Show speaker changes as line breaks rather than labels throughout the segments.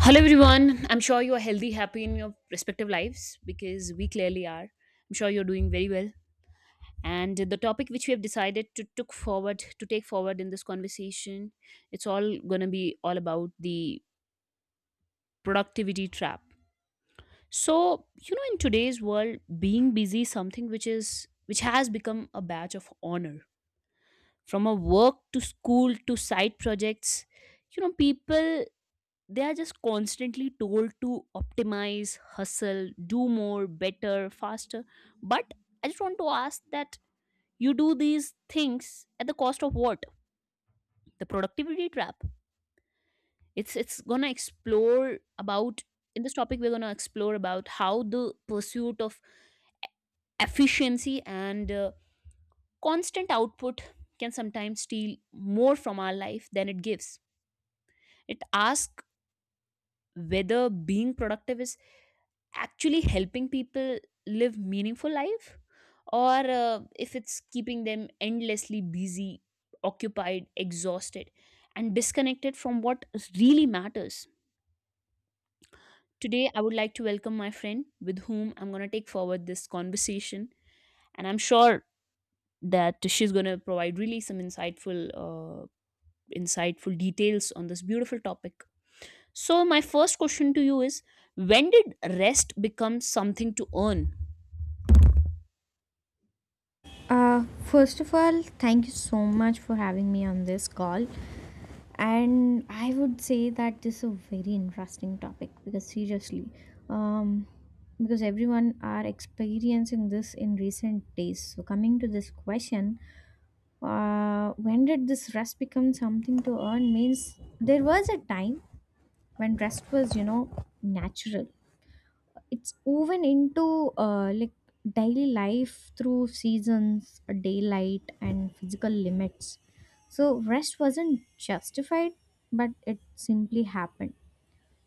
Hello, everyone. I'm sure you are healthy, happy in your respective lives because we clearly are. I'm sure you're doing very well. And the topic which we have decided to took forward to take forward in this conversation, it's all gonna be all about the productivity trap. So you know, in today's world, being busy is something which has become a badge of honor. From a work to school to side projects, you know, people they are just constantly told to optimize hustle do more better faster, but I just want to ask that you do these things at the cost of what. The productivity trap, it's gonna explore about, in this topic we're gonna explore about how the pursuit of efficiency and constant output can sometimes steal more from our life than it gives. It asks whether being productive is actually helping people live meaningful life, or if it's keeping them endlessly busy, occupied, exhausted, and disconnected from what really matters. Today I would like to welcome my friend with whom I'm going to take forward this conversation, and I'm sure that she's going to provide really some insightful insightful details on this beautiful topic. So my first question to you is, when did rest become something to earn?
First of all, thank you so much for having me on this call. And I would say that this is a very interesting topic because seriously, um, because everyone are experiencing this in recent days. So coming to this question, when did this rest become something to earn? Means there was a time when rest was, you know, natural it's woven into like daily life through seasons, daylight, and physical limits. So rest wasn't justified, but it simply happened.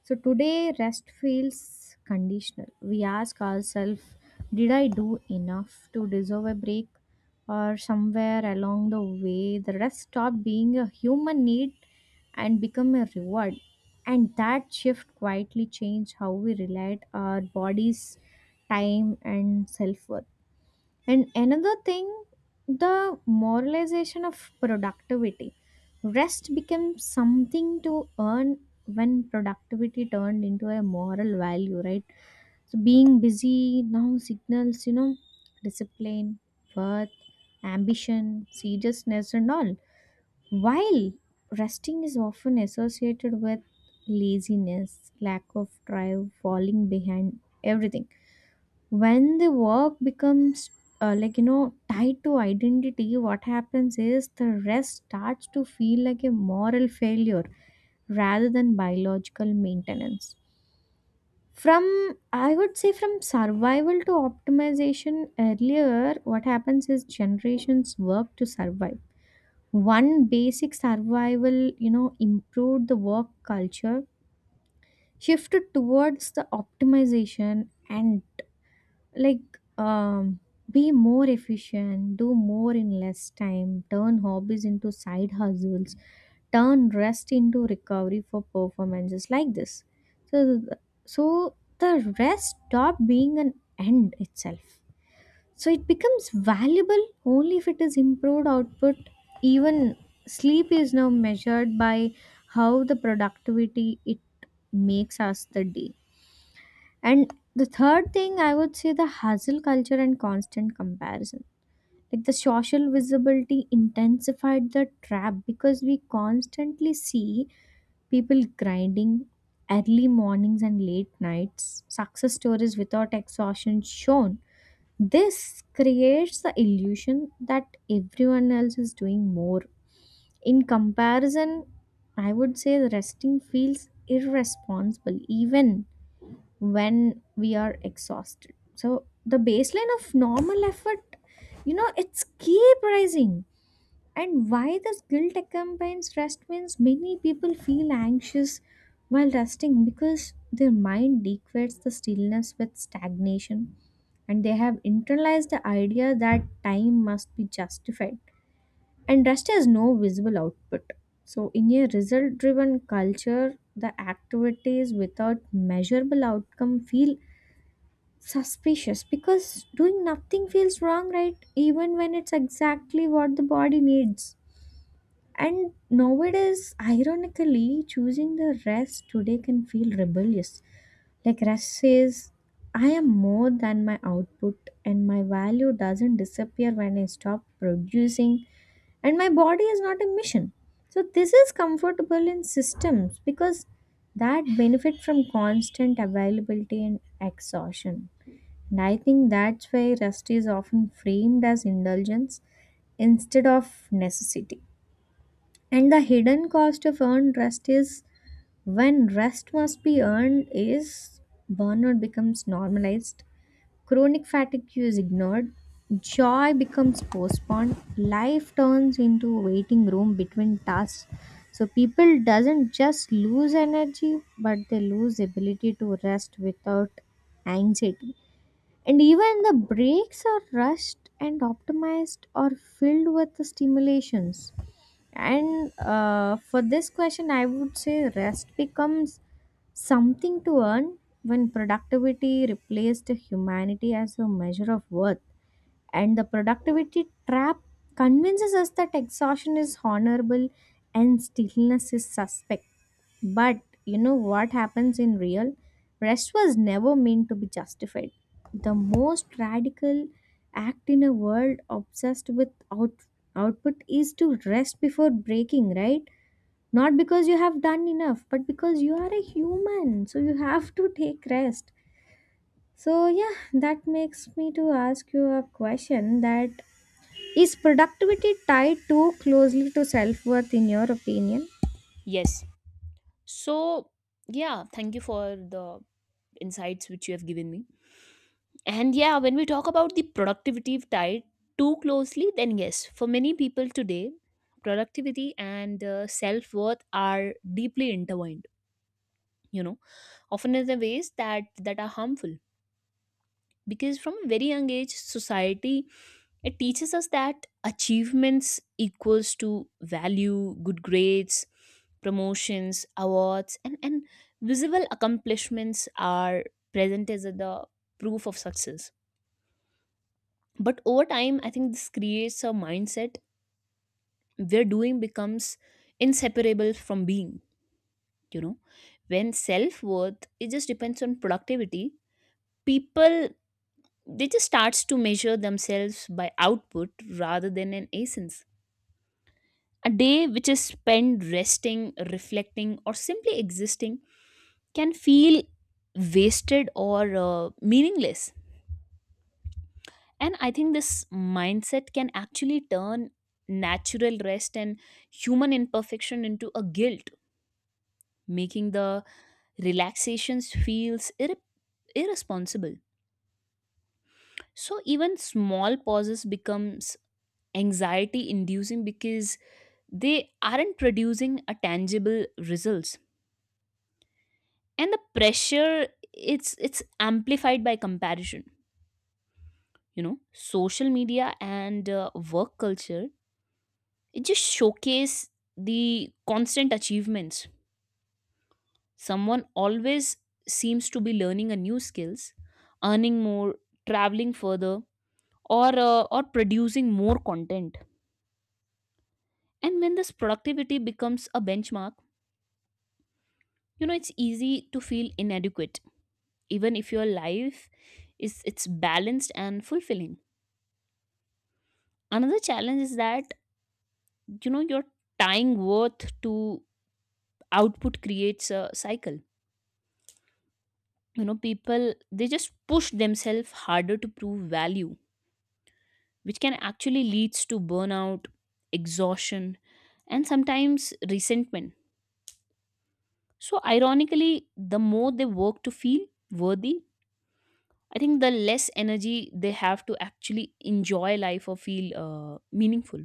So today, rest feels conditional. We ask ourselves, did I do enough to deserve a break? Or somewhere along the way, the rest stopped being a human need and become a reward. And that shift quietly changed how we relate our bodies, time, and self worth. And another thing, the moralization of productivity. Rest becomes something to earn when productivity turned into a moral value, right? So being busy now signals, you know, discipline, worth, ambition, seriousness, and all. While resting is often associated with laziness, lack of drive, falling behind, everything when the work becomes like you know tied to identity what happens is the rest starts to feel like a moral failure rather than biological maintenance from I would say from survival to optimization earlier what happens is generations work to survive one basic survival you know improved the work culture shifted towards the optimization and like be more efficient do more in less time turn hobbies into side hustles turn rest into recovery for performances like this so so the rest stopped being an end itself so it becomes valuable only if it is improved output even sleep is now measured by how the productivity it makes us the day and the third thing I would say the hustle culture and constant comparison. Like the social visibility intensified the trap because we constantly see people grinding early mornings and late nights, success stories without exhaustion shown. This creates the illusion that everyone else is doing more. In comparison, I would say the resting feels irresponsible even when we are exhausted. So the baseline of normal effort, you know, it's keep rising. And why this guilt accompanies rest means many people feel anxious while resting because their mind equates the stillness with stagnation and they have internalized the idea that time must be justified and rest has no visible output so in a result driven culture the activities without measurable outcome feel suspicious because doing nothing feels wrong, right? Even when it's exactly what the body needs. And nowadays, ironically, choosing the rest today can feel rebellious. Like rest says, I am more than my output, and my value doesn't disappear when I stop producing, and my body is not a mission. So, this is comfortable in systems because that benefit from constant availability and exhaustion. And I think that's why rest is often framed as indulgence instead of necessity. And the hidden cost of earned rest is when rest must be earned is burnout becomes normalized, chronic fatigue is ignored, joy becomes postponed, life turns into a waiting room between tasks. So people doesn't just lose energy but they lose ability to rest without anxiety and even the breaks are rushed and optimized or filled with the stimulations and for this question I would say rest becomes something to earn when productivity replaced humanity as a measure of worth and the productivity trap convinces us that exhaustion is honorable and stillness is suspect but you know what happens in real? Rest was never meant to be justified. The most radical act in a world obsessed with output is to rest before breaking, right? Not because you have done enough, but because you are a human, so you have to take rest. So yeah, that makes me to ask you a question that is productivity tied too closely to self-worth in your opinion?
Yes. So yeah, thank you for the insights which you have given me. And yeah, when we talk about the productivity tied too closely, then yes, for many people today, productivity and self-worth are deeply intertwined, you know, often in the ways that are harmful. Because from a very young age, society, it teaches us that achievements equals to value. Good grades, promotions, awards, and visible accomplishments are present as the proof of success. But over time, I think this creates a mindset where doing becomes inseparable from being. You know, when self-worth it just depends on productivity, people, they just starts to measure themselves by output rather than an essence. A day which is spent resting, reflecting, or simply existing can feel wasted or meaningless. And I think this mindset can actually turn natural rest and human imperfection into a guilt, making the relaxations feels irresponsible. So even small pauses becomes anxiety inducing because they aren't producing a tangible results. And the pressure, it's amplified by comparison. You know, social media and work culture, it just showcase the constant achievements. Someone always seems to be learning a new skills, earning more, traveling further, or or producing more content. And when this productivity becomes a benchmark, you know, it's easy to feel inadequate even if your life is it's balanced and fulfilling. Another challenge is that, you know, your tying worth to output creates a cycle. You know, people, they just push themselves harder to prove value, which can actually leads to burnout, exhaustion, and sometimes resentment. So ironically, the more they work to feel worthy, I think the less energy they have to actually enjoy life or feel meaningful.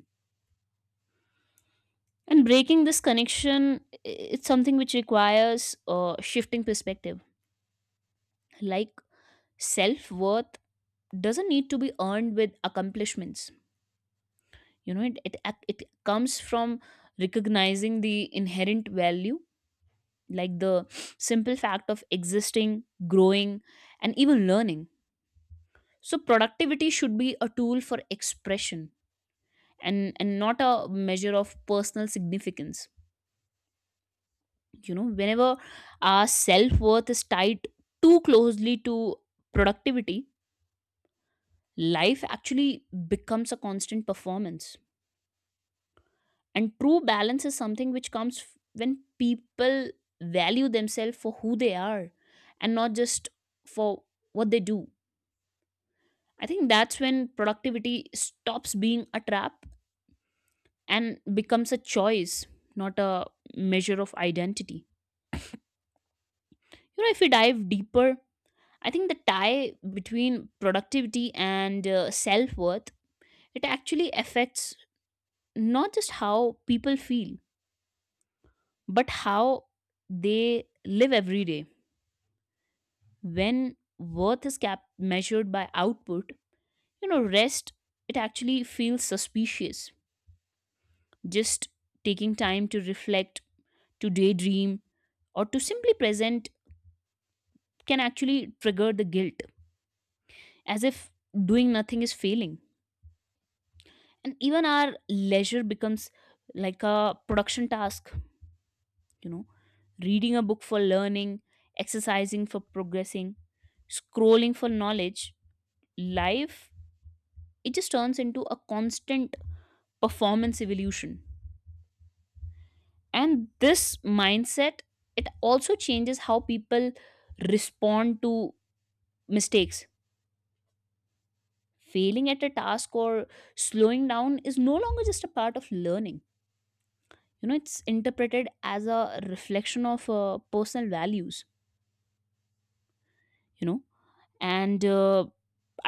And breaking this connection, it's something which requires shifting perspective. Like self worth doesn't need to be earned with accomplishments. You know, it comes from recognizing the inherent value, like the simple fact of existing, growing, and even learning. So productivity should be a tool for expression and not a measure of personal significance. You know, whenever our self-worth is tied too closely to productivity, life actually becomes a constant performance. And true balance is something which comes when people value themselves for who they are and not just for what they do. I think that's when productivity stops being a trap and becomes a choice, not a measure of identity. You know, if we dive deeper, I think the tie between productivity and self worth, it actually affects not just how people feel but how they live every day. When worth is measured by output, you know, rest, it actually feels suspicious. Just taking time to reflect, to daydream, or to simply present can actually trigger the guilt, as if doing nothing is failing. And even our leisure becomes like a production task. You know, reading a book for learning, exercising for progressing, scrolling for knowledge, life, it just turns into a constant performance evolution. And this mindset, it also changes how people respond to mistakes. Failing at a task or slowing down is no longer just a part of learning. You know, it's interpreted as a reflection of personal values. You know, and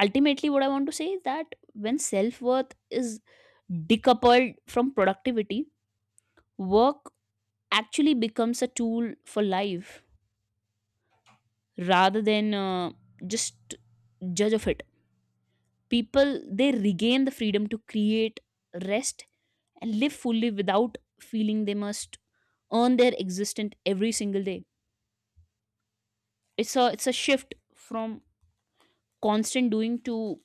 ultimately what I want to say is that when self-worth is decoupled from productivity, work actually becomes a tool for life rather than just judge of it. People, they regain the freedom to create, rest, and live fully without feeling they must earn their existence every single day. It's a shift from constant doing to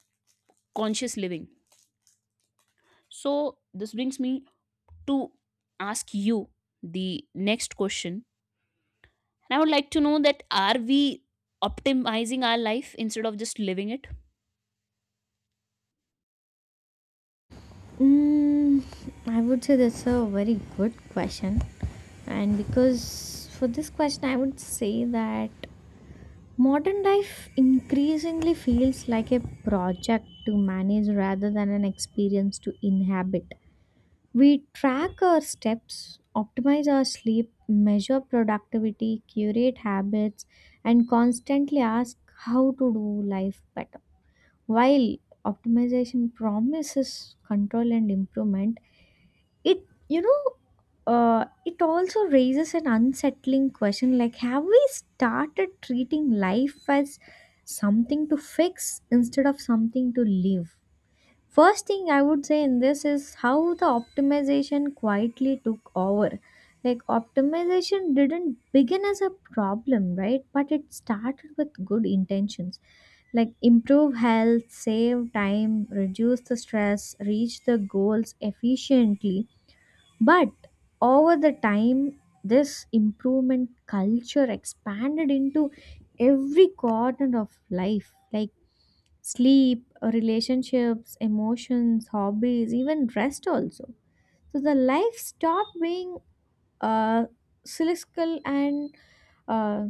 conscious living. So this brings me to ask you the next question. And I would like to know that, are we optimizing our life instead of just living it?
Mm, I would say that's a very good question. And because for this question, I would say that modern life increasingly feels like a project to manage rather than an experience to inhabit. We track our steps, optimize our sleep, measure productivity, curate habits, and constantly ask how to do life better. While optimization promises control and improvement, it, you know, it also raises an unsettling question like, have we started treating life as something to fix instead of something to live? First thing I would say in this is how the optimization quietly took over. Like, optimization didn't begin as a problem, right? But it started with good intentions like improve health save time reduce the stress reach the goals efficiently but over the time, this improvement culture expanded into every corner of life like sleep, relationships, emotions, hobbies, even rest also. So the life stopped being uh, cyclical and uh,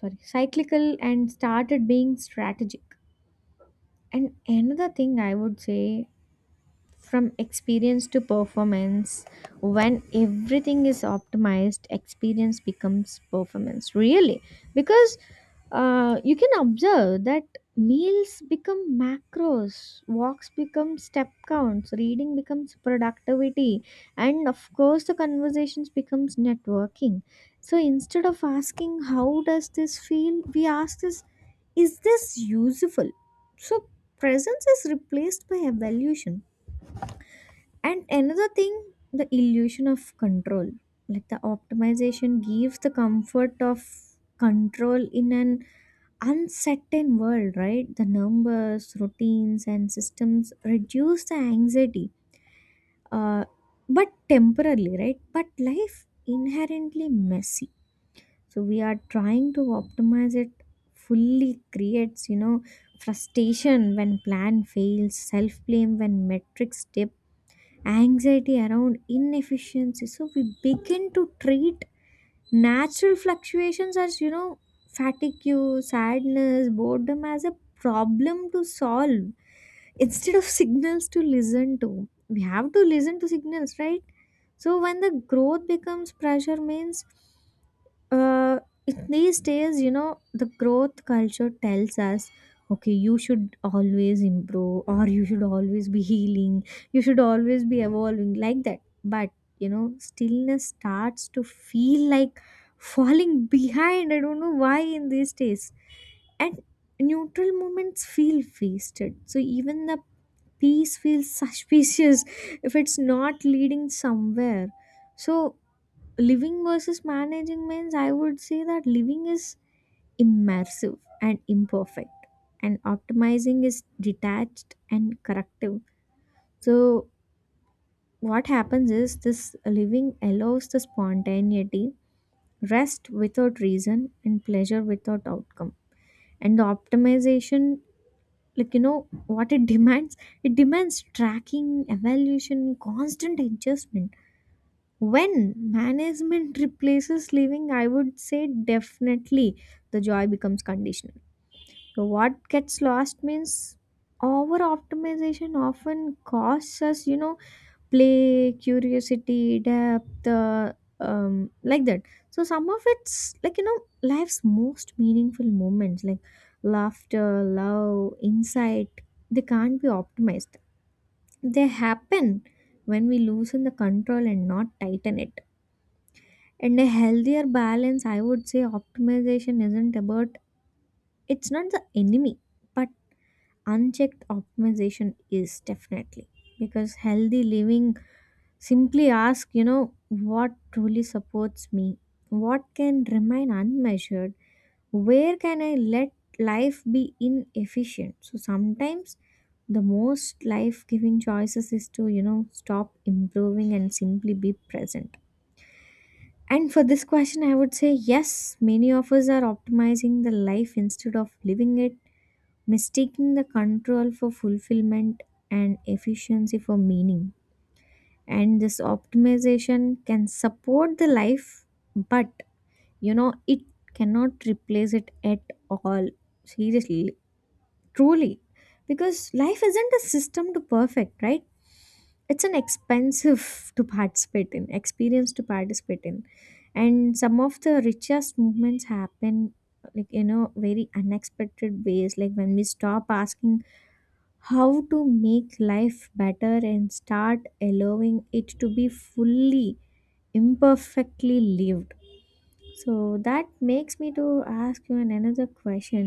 cyclical and started being strategic. And another thing I would say from experience to performance when everything is optimized experience becomes performance really because you can observe that meals become macros walks become step counts reading becomes productivity and of course the conversations becomes networking so instead of asking how does this feel we ask this is this useful so presence is replaced by evaluation and another thing, the illusion of control. Like the optimization gives the comfort of control in an uncertain world, right? The numbers, routines, and systems reduce the anxiety, uh, but temporarily, right? But life inherently messy. So we are trying to optimize it fully creates, you know, frustration when plan fails, self blame when metrics dip anxiety around inefficiency so we begin to treat natural fluctuations as you know fatigue sadness boredom as a problem to solve instead of signals to listen to we have to listen to signals right so when the growth becomes pressure means uh, these days, you know, the growth culture tells us, okay, you should always improve or you should always be healing, you should always be evolving like that. But, you know, stillness starts to feel like falling behind. I don't know why in these days. And neutral moments feel wasted. So even the peace feels suspicious if it's not leading somewhere. So living versus managing means I would say that living is immersive and imperfect and optimizing is detached and corrective so what happens is this living allows the spontaneity rest without reason and pleasure without outcome and the optimization like you know what it demands it demands tracking evaluation constant adjustment When management replaces living, I would say definitely the joy becomes conditional. So what gets lost means over optimization often costs us, you know, play, curiosity, depth, like that. So some of it's like you know life's most meaningful moments, like laughter, love, insight. They can't be optimized. They happen when we loosen the control and not tighten it and a healthier balance, I would say optimization isn't about, it's not the enemy, but unchecked optimization is definitely. Because healthy living simply ask, you know, what truly supports me? What can remain unmeasured? Where can I let life be inefficient? So sometimes the most life giving choices is to, you know, stop improving and simply be present and for this question, I would say yes, many of us are optimizing the life instead of living it, mistaking the control for fulfillment and efficiency for meaning. And this optimization can support the life, but you know, it cannot replace it at all. Seriously, truly. Because life isn't a system to perfect, right? it's an expensive to participate in experience to participate in and some of the richest movements happen like you know very unexpected ways like when we stop asking how to make life better and start allowing it to be fully imperfectly lived so that makes me to ask you an another question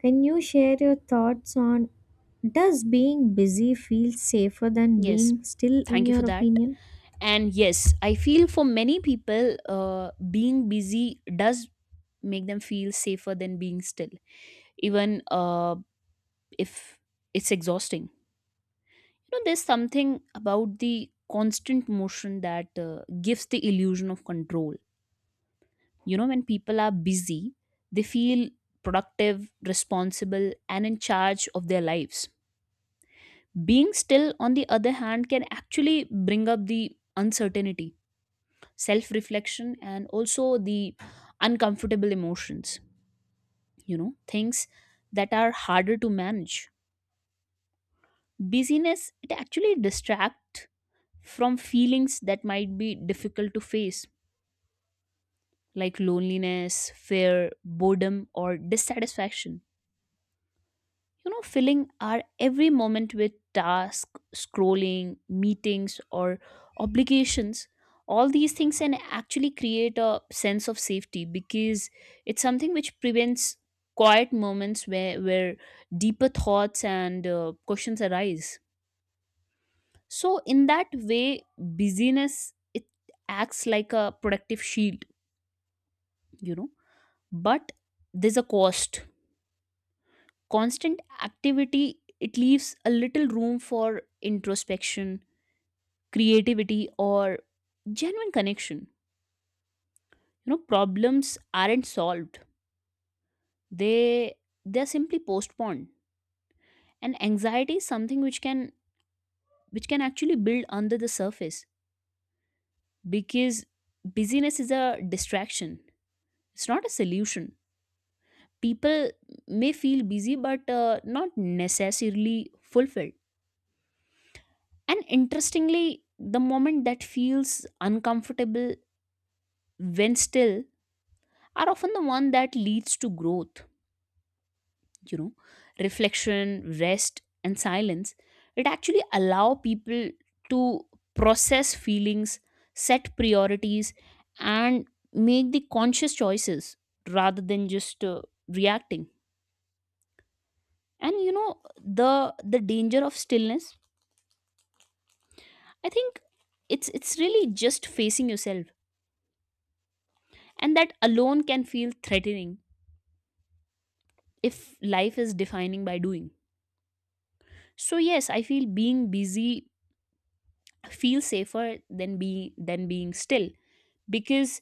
can you share your thoughts on does being busy feel safer than
Yes.
being still in
Thank you for
your
that.
opinion?
And yes, I feel for many people, being busy does make them feel safer than being still, even if it's exhausting. You know, there's something about the constant motion that gives the illusion of control. You know, when people are busy, they feel productive, responsible, and in charge of their lives. Being still, on the other hand, can actually bring up the uncertainty, self reflection, and also the uncomfortable emotions, you know, things that are harder to manage. Busyness, it actually distracts from feelings that might be difficult to face, like loneliness, fear, boredom, or dissatisfaction. You know, filling our every moment with tasks, scrolling, meetings, or obligations, all these things can actually create a sense of safety because it's something which prevents quiet moments where deeper thoughts and questions arise. So in that way, busyness, it acts like a protective shield, you know. But there's a cost. Constant activity, it leaves a little room for introspection, creativity, or genuine connection. You know, problems aren't solved, they they're simply postponed. And anxiety is something which can actually build under the surface, because busyness is a distraction, it's not a solution. People may feel busy but not necessarily fulfilled. And interestingly, the moment that feels uncomfortable when still are often the one that leads to growth. You know, reflection, rest, and silence, it actually allow people to process feelings, set priorities, and make the conscious choices rather than just reacting. And you know, the danger of stillness, I think it's really just facing yourself. And that alone can feel threatening if life is defining by doing. So yes, I feel being busy feels safer than being still, because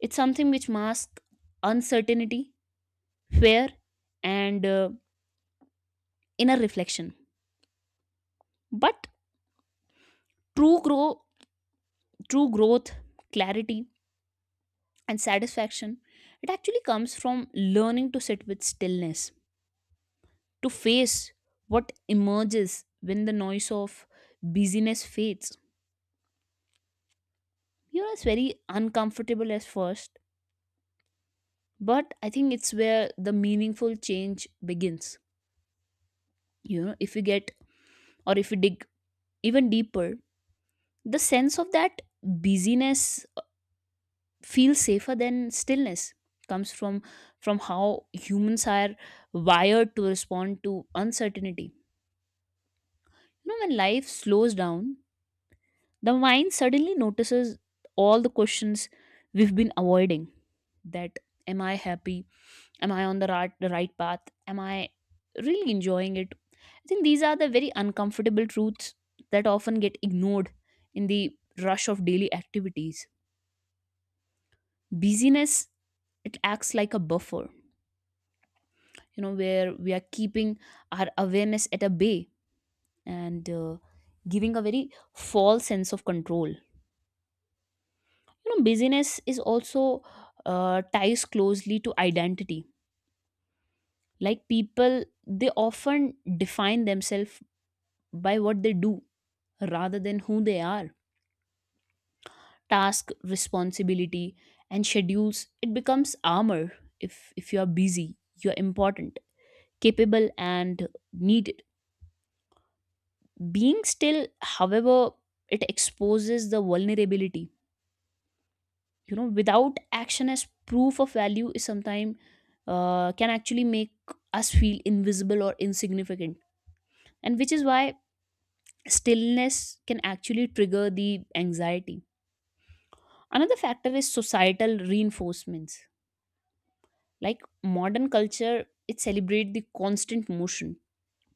it's something which masks uncertainty, fear, and inner reflection. But true grow, true growth, clarity, and satisfaction, it actually comes from learning to sit with stillness, to face what emerges when the noise of busyness fades. You know, it's very uncomfortable at first, but I think it's where the meaningful change begins. You know, if you dig even deeper, the sense of that busyness, uh, feels safer than stillness, comes from how humans are wired to respond to uncertainty. You know, when life slows down, the mind suddenly notices all the questions we've been avoiding. That, am I happy, am I on the right path, am I really enjoying it. I think these are the very uncomfortable truths that often get ignored in the rush of daily activities. Busyness, it acts like a buffer, you know, where we are keeping our awareness at a bay, and giving a very false sense of control. You know, busyness is also ties closely to identity. Like people, they often define themselves by what they do rather than who they are. Task, responsibility, and schedules, it becomes armor. If you are busy, you are important, capable, and needed. Being still, however, it exposes the vulnerability. You know, without action as proof of value is sometimes can actually make us feel invisible or insignificant. And which is why stillness can actually trigger the anxiety. Another factor is societal reinforcements, like modern culture, it celebrate the constant motion,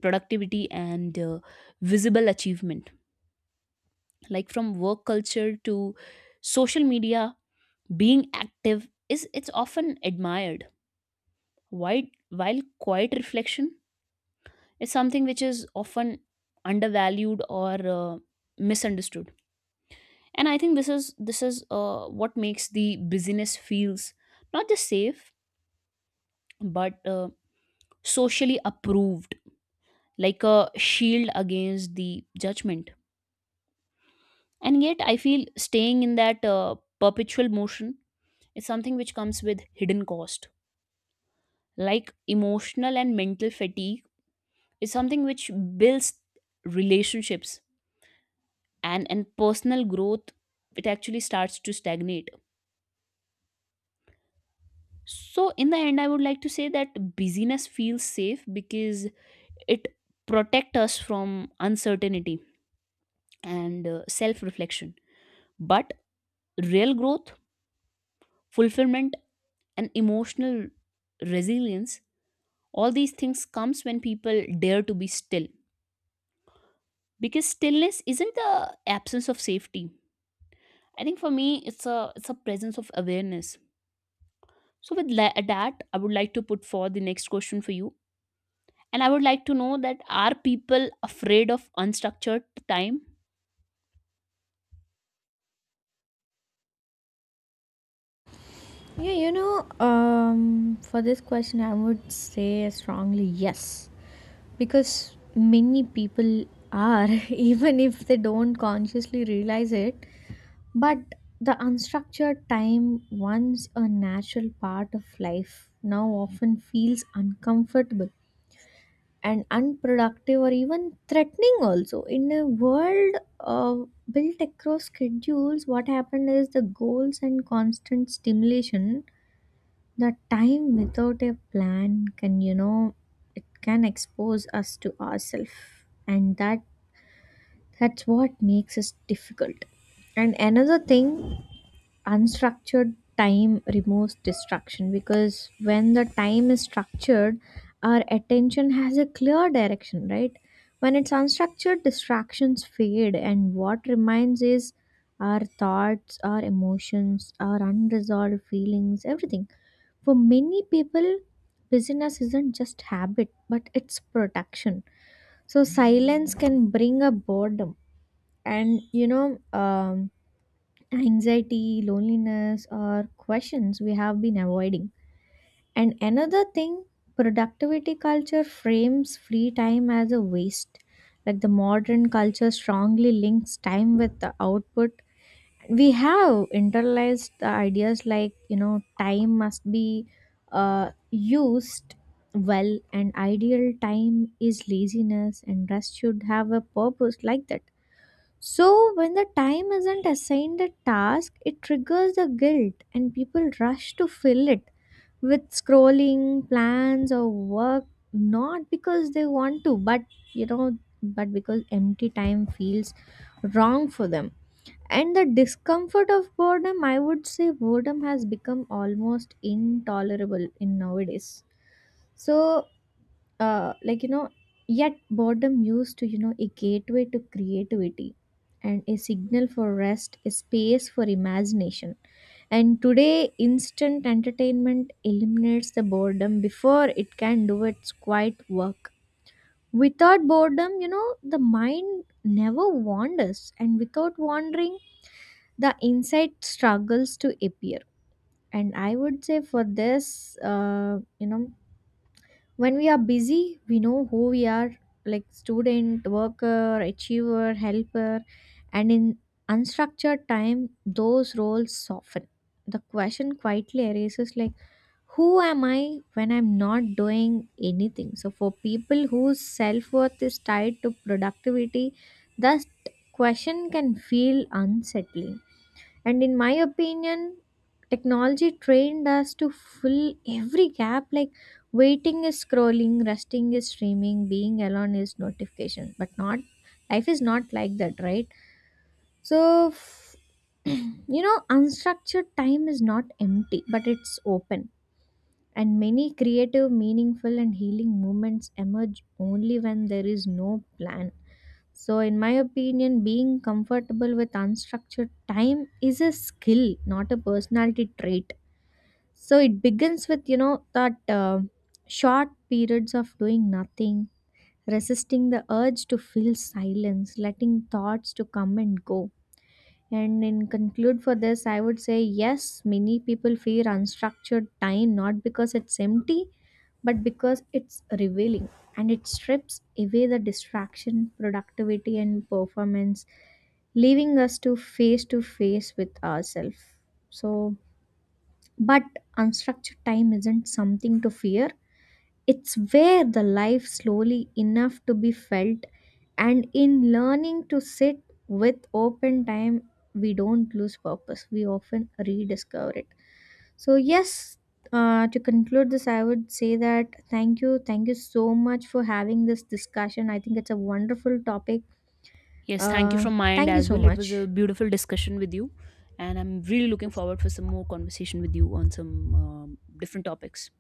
productivity, and visible achievement. Like from work culture to social media, being active is it's often admired, while while quiet reflection is something which is often undervalued or misunderstood. And I think this is what makes the business feels not just safe but socially approved, like a shield against the judgment. And yet, I feel staying in that perpetual motion is something which comes with hidden cost. Like emotional and mental fatigue is something which builds, relationships and personal growth, it actually starts to stagnate. So in the end, I would like to say that busyness feels safe because it protects us from uncertainty and self reflection. But real growth, fulfillment, and emotional resilience, all these things comes when people dare to be still, because stillness isn't the absence of safety. I think for me it's a presence of awareness. So with that, I would like to put forward the next question for you, and I would like to know that, are people afraid of unstructured time?
Yeah, you know, for this question, I would say strongly yes, because many people are, even if they don't consciously realize it, but the unstructured time, once a natural part of life, now often feels uncomfortable and unproductive or even threatening also in a world uh, built across schedules what happened is the goals and constant stimulation the time without a plan can you know it can expose us to ourselves and that's what makes us difficult and another thing unstructured time removes distraction because when the time is structured our attention has a clear direction right when it's unstructured distractions fade and what remains is our thoughts our emotions our unresolved feelings everything for many people busyness isn't just habit but it's protection so silence can bring a boredom and you know um, anxiety, loneliness, or questions we have been avoiding. And another thing, productivity culture frames free time as a waste. Like the modern culture strongly links time with the output. We have internalized the ideas like, you know, time must be used well, and ideal time is laziness, and rest should have a purpose like that so, when the time isn't assigned a task, it triggers the guilt, and people rush to fill it with scrolling, plans, or work, not because they want to, but you know, but because empty time feels wrong for them. And the discomfort of boredom, I would say boredom has become almost intolerable in nowadays. So, like you know yet boredom used to you know a gateway to creativity and a signal for rest a space for imagination and today instant entertainment eliminates the boredom before it can do its quiet work without boredom you know the mind never wanders and without wandering the insight struggles to appear and I would say for this you know when we are busy we know who we are like student worker achiever helper and in unstructured time those roles soften the question quietly arises like who am I when I'm not doing anything so for people whose self-worth is tied to productivity that question can feel unsettling and in my opinion technology trained us to fill every gap like waiting is scrolling resting is streaming being alone is notification but not life is not like that right so f- you know unstructured time is not empty but it's open and many creative meaningful and healing moments emerge only when there is no plan so, in my opinion, being comfortable with unstructured time is a skill, not a personality trait. So it begins with, you know, that short periods of doing nothing, resisting the urge to feel silence, letting thoughts to come and go. And in conclude for this, I would say yes, many people fear unstructured time not because it's empty, but because it's revealing and it strips away the distraction, productivity, and performance, leaving us to face with ourselves. So but unstructured time isn't something to fear. It's where the life slowly enough to be felt and in learning to sit with open time we don't lose purpose. We often rediscover it. So yes, to conclude this, I would say that thank you so much for having this discussion. I think it's a wonderful topic.
Yes, thank you
Uh,
from my end
Thank you
as
so
well. It was a
much.
beautiful discussion with you, and I'm really looking forward for some more conversation with you on some different topics.